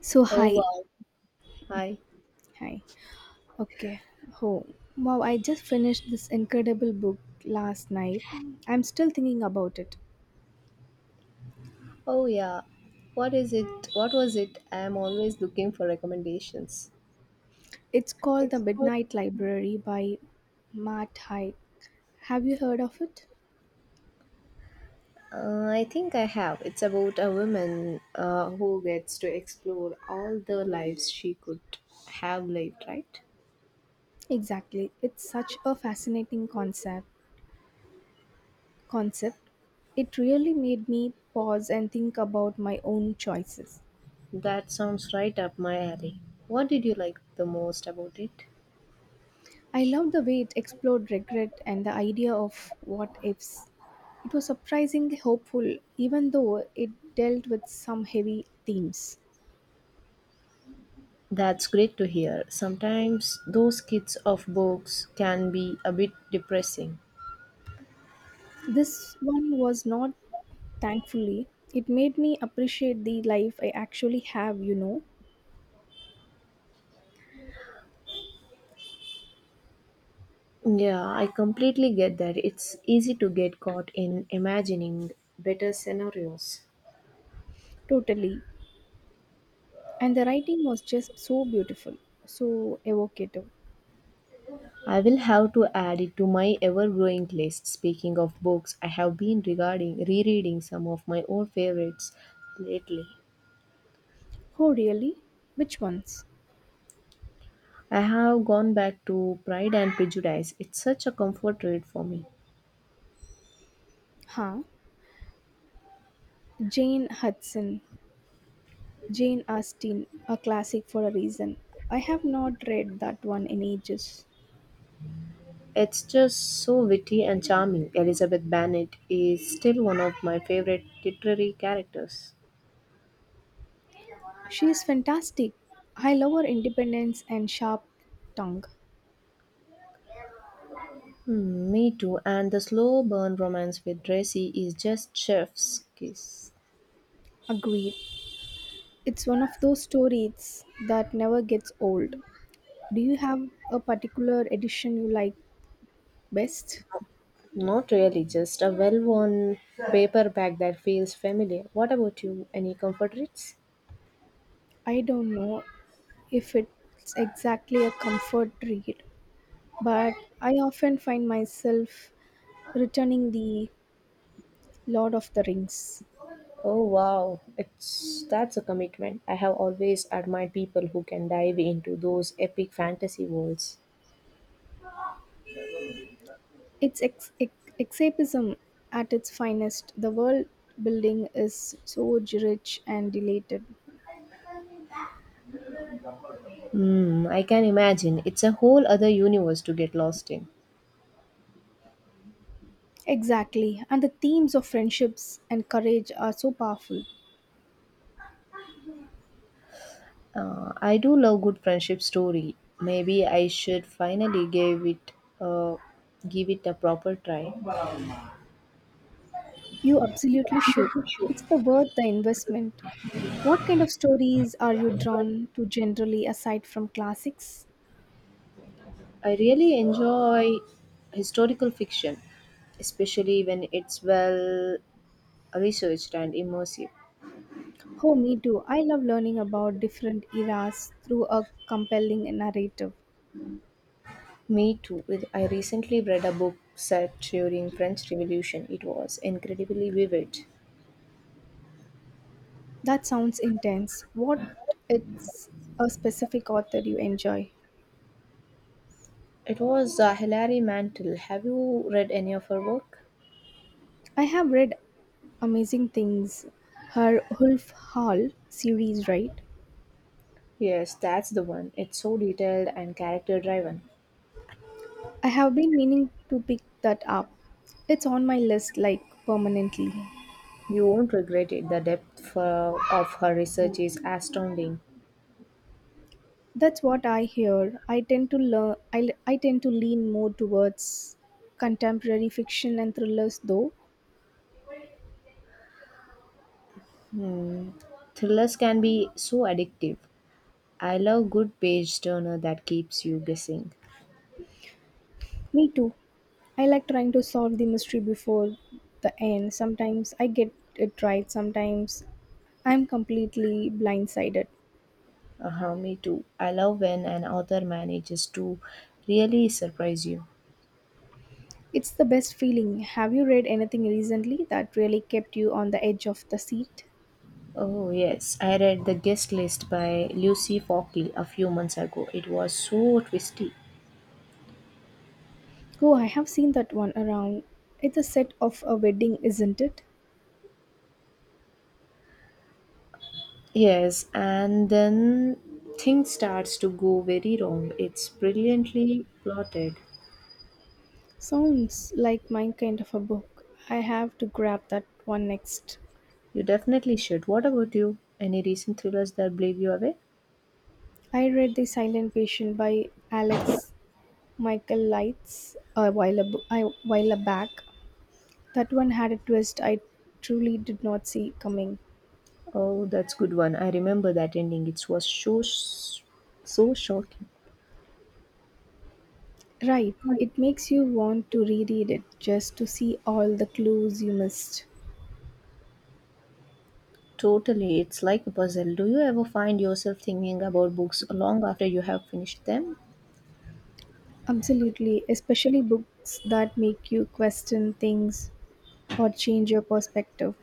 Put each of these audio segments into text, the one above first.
So, Oh hi. wow. Hi. Hi. Okay. Oh, wow. I just finished this incredible book last night. I'm still thinking about it. Oh yeah. What is it? What was it? I am always looking for recommendations. It's called The It's called Midnight Library by Matt Haig. Have you heard of it? I think I have. It's about a woman who gets to explore all the lives she could have lived, right? Exactly. It's such a fascinating concept. It really made me pause and think about my own choices. That sounds right up my alley. What did you like the most about it? I loved the way it explored regret and the idea of what ifs. It was surprisingly hopeful, even though it dealt with some heavy themes. That's great to hear. Sometimes those kids of books can be a bit depressing. This one was not, thankfully. It made me appreciate the life I actually have. Yeah, I completely get that. It's easy to get caught in imagining better scenarios. Totally. And the writing was just so beautiful, so evocative. I will have to add it to my ever growing list. Speaking of books, I have been regarding rereading some of my old favorites lately. Oh, really? Which ones? I have gone back to Pride and Prejudice. It's such a comfort read for me. Huh? Jane Hudson. Jane Austen, a classic for a reason. I have not read that one in ages. It's just so witty and charming. Elizabeth Bennet is still one of my favorite literary characters. She is fantastic. I love her independence and sharp tongue. Hmm, me too. And the slow burn romance with Tracy is just chef's kiss. Agreed. It's one of those stories that never gets old. Do you have a particular edition you like best? Not really, just a well-worn paperback that feels familiar. What about you? Any comfort reads? I don't know if it's exactly a comfort read, but I often find myself returning the Lord of the Rings. Oh wow, it's that's a commitment. I have always admired people who can dive into those epic fantasy worlds. It's escapism at its finest. The world building is so rich and dilated. Hmm, I can imagine. It's a whole other universe to get lost in. Exactly. And the themes of friendships and courage are so powerful. I do love good friendship story. Maybe I should finally a give it a proper try. You absolutely should. It's the worth the investment. What kind of stories are you drawn to generally aside from classics? I really enjoy historical fiction, especially when it's well researched and immersive. Oh, me too. I love learning about different eras through a compelling narrative. Me too. I recently read a book set during French Revolution. It was incredibly vivid. That sounds intense. What it's a specific author you enjoy? It was Hilary Mantel. Have you read any of her work? I have read amazing things. Her Wolf Hall series, right? Yes, that's the one. It's so detailed and character driven. I have been meaning to pick that up. It's on my list like permanently. You won't regret it. The depth of her research is astounding. That's what I hear. I tend to lean more towards contemporary fiction and thrillers though. Thrillers can be so addictive. I love good page turner that keeps you guessing. Me too. I like trying to solve the mystery before the end. Sometimes I get it right, sometimes I'm completely blindsided. Me too. I love when an author manages to really surprise you. It's the best feeling. Have you read anything recently that really kept you on the edge of the seat? Oh, yes. I read The Guest List by Lucy Fockley a few months ago. It was so twisty. Oh, I have seen that one around. It's a set of a wedding, isn't it? Yes, and then things starts to go very wrong. It's brilliantly plotted. Sounds like my kind of a book. I have to grab that one next. You definitely should. What about you? Any recent thrillers that blew you away? I read The Silent Patient by Alex Michael Lights a while, ab- I- while back. That one had a twist I truly did not see coming. Oh, that's good one. I remember that ending. It was so shocking. Right, it makes you want to reread it just to see all the clues you missed. Totally, it's like a puzzle. Do you ever find yourself thinking about books long after you have finished them? Absolutely, especially books that make you question things or change your perspective.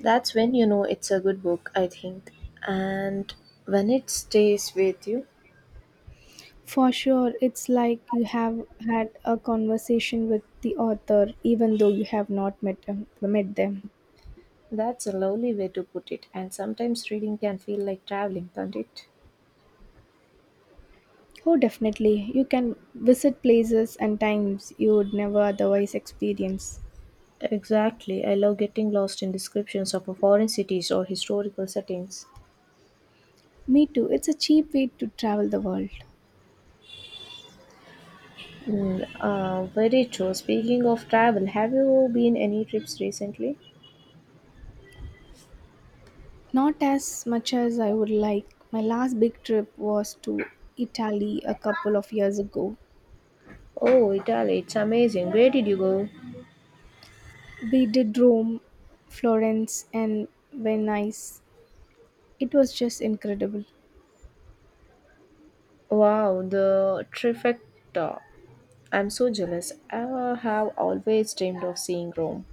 That's when you know it's a good book, I think. And when it stays with you, For sure, it's like you have had a conversation with the author even though you have not met them. that's a lovely way to put it. And sometimes reading can feel like traveling, can't it? Oh, definitely. You can visit places and times you would never otherwise experience. Exactly. I love getting lost in descriptions of foreign cities or historical settings. Me too. It's a cheap way to travel the world. Very true. Speaking of travel, have you been any trips recently? Not as much as I would like. My last big trip was to Italy a couple of years ago. Oh, Italy. It's amazing. Where did you go? We did Rome, Florence, and Venice. It was just incredible. Wow, the trifecta. I'm so jealous. I have always dreamed of seeing Rome.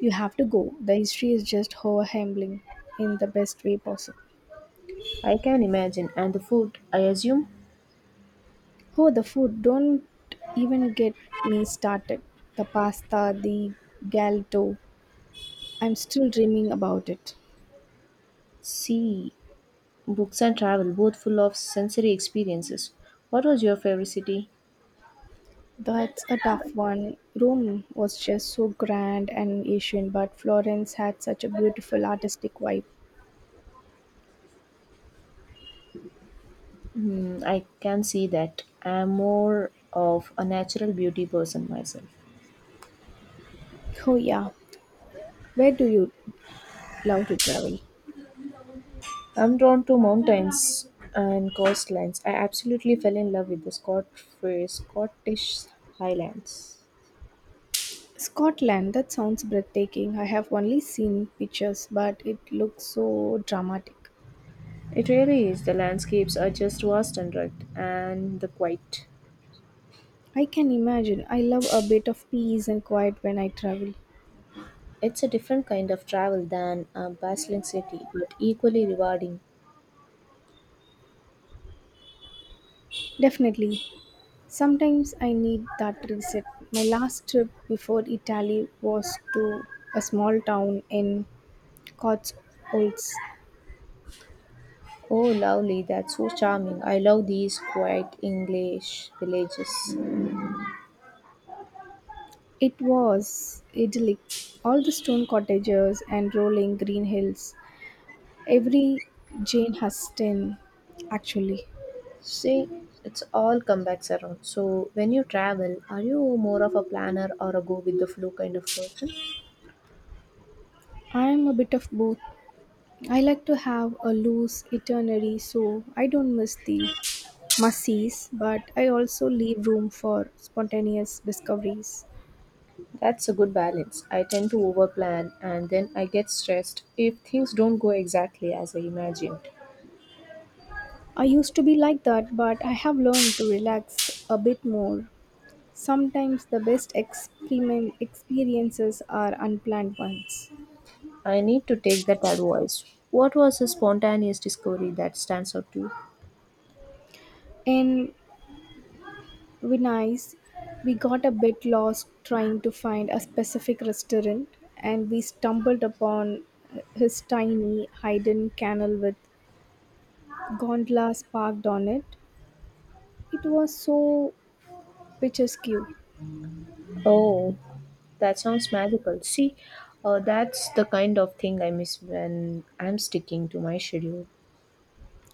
You have to go. The history is just overwhelming in the best way possible. I can imagine. And the food, I assume? Oh, the food. Don't even get me started. The pasta, the galto. I'm still dreaming about it. See, books and travel, both full of sensory experiences. What was your favorite city? That's a tough one. Rome was just so grand and ancient, but Florence had such a beautiful artistic vibe. Hmm, I can see that. I'm more of a natural beauty person myself. Oh, yeah. Where do you love to travel? I'm drawn to mountains and coastlines. I absolutely fell in love with the Scottish Highlands. Scotland, that sounds breathtaking. I have only seen pictures, but it looks so dramatic. It really is. The landscapes are just vast and rugged, and the quiet. I can imagine. I love a bit of peace and quiet when I travel. It's a different kind of travel than a bustling city, but equally rewarding. Definitely. Sometimes I need that reset. My last trip before Italy was to a small town in Cotswolds. Oh, lovely, that's so charming. I love these quiet English villages. It was idyllic. All the stone cottages and rolling green hills. Every Jane Austen, actually. See, it's all comebacks around. So, when you travel, are you more of a planner or a go with the flow kind of person? I am a bit of both. I like to have a loose itinerary so I don't miss the must-sees, but I also leave room for spontaneous discoveries. That's a good balance. I tend to overplan and then I get stressed if things don't go exactly as I imagined. I used to be like that, but I have learned to relax a bit more. Sometimes the best experiment experiences are unplanned ones. I need to take that advice. What was a spontaneous discovery that stands out to you? In Venice, we got a bit lost trying to find a specific restaurant, and we stumbled upon his tiny hidden canal with gondolas parked on it. It was so picturesque. Oh, that sounds magical. See, that's the kind of thing I miss when I'm sticking to my schedule.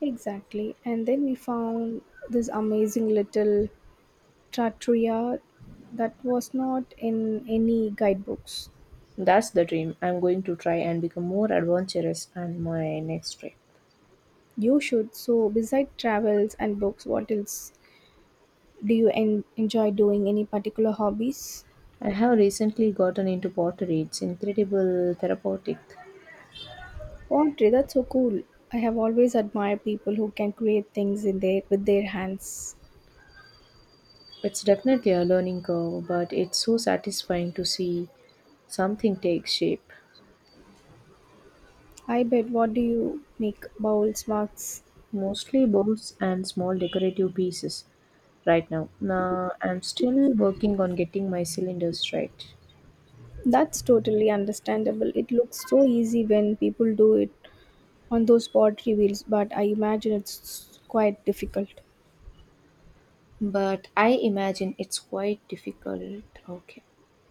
Exactly. And then we found this amazing little trattoria that was not in any guidebooks. That's the dream. I'm going to try and become more adventurous on my next trip. You should. So, beside travels and books, what else do you enjoy doing? Any particular hobbies? I have recently gotten into pottery. It's incredible therapeutic. Pottery, that's so cool. I have always admired people who can create things in their with their hands. It's definitely a learning curve, but it's so satisfying to see something take shape. I bet what do you make bowls, mugs? Mostly bows and small decorative pieces right now. Now I'm still working on getting my cylinders right. That's totally understandable. It looks so easy when people do it on those pottery wheels, but I imagine it's quite difficult. But I imagine it's quite difficult. Okay.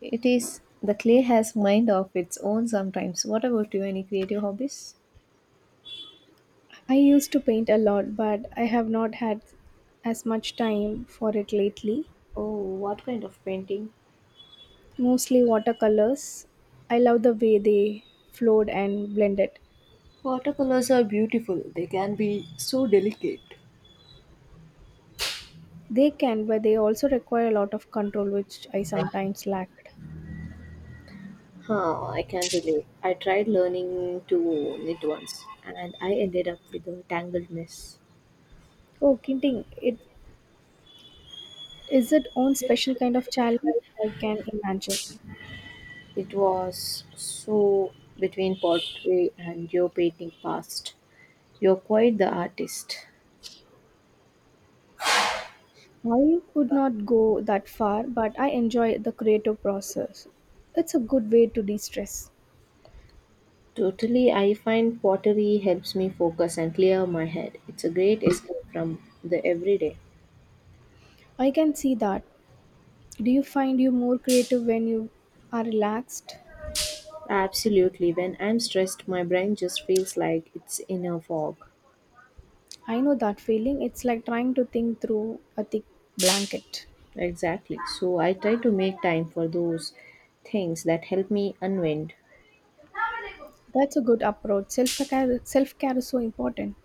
It is the clay has mind of its own sometimes. What about you? Any creative hobbies? I used to paint a lot, but I have not had as much time for it lately. Oh, what kind of painting? Mostly watercolors. I love the way they flowed and blended. Watercolors are beautiful. They can be so delicate. They can, but they also require a lot of control, which I sometimes lacked. Huh, I can't relate. I tried learning to knit once and I ended up with a tangled mess. Oh, kinting, it is its own special kind of challenge, I can imagine. It was so between pottery and your painting past. You're quite the artist. I could not go that far, but I enjoy the creative process. It's a good way to de stress. Totally, I find pottery helps me focus and clear my head. It's a great escape from the everyday. I can see that. Do you find you more creative when you are relaxed? Absolutely, when I'm stressed, my brain just feels like it's in a fog. I know that feeling. It's like trying to think through a thick blanket. Exactly. So I try to make time for those things that help me unwind. That's a good approach. Self care is so important.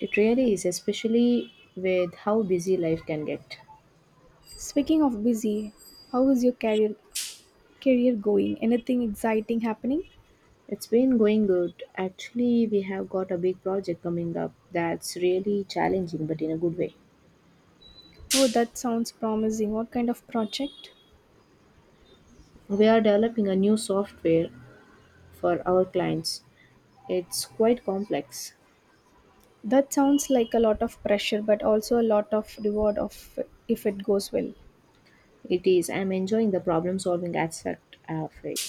It really is, especially with how busy life can get. Speaking of busy, how is your career going? Anything exciting happening? It's been going good. Actually, we have got a big project coming up that's really challenging, but in a good way. Oh, that sounds promising. What kind of project? We are developing a new software for our clients. It's quite complex. That sounds like a lot of pressure, but also a lot of reward of if it goes well. It is. I'm enjoying the problem solving aspect of it.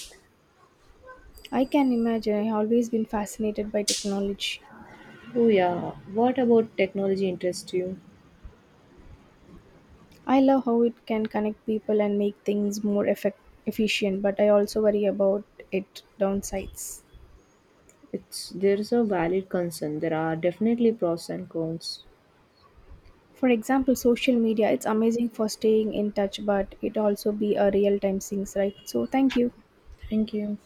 I can imagine. I've always been fascinated by technology. Oh yeah. What about technology interests you? I love how it can connect people and make things more efficient, but I also worry about its downsides. It's there's a valid concern. There are definitely pros and cons. For example, social media, it's amazing for staying in touch, but it also be a real time things, right? So thank you. Thank you.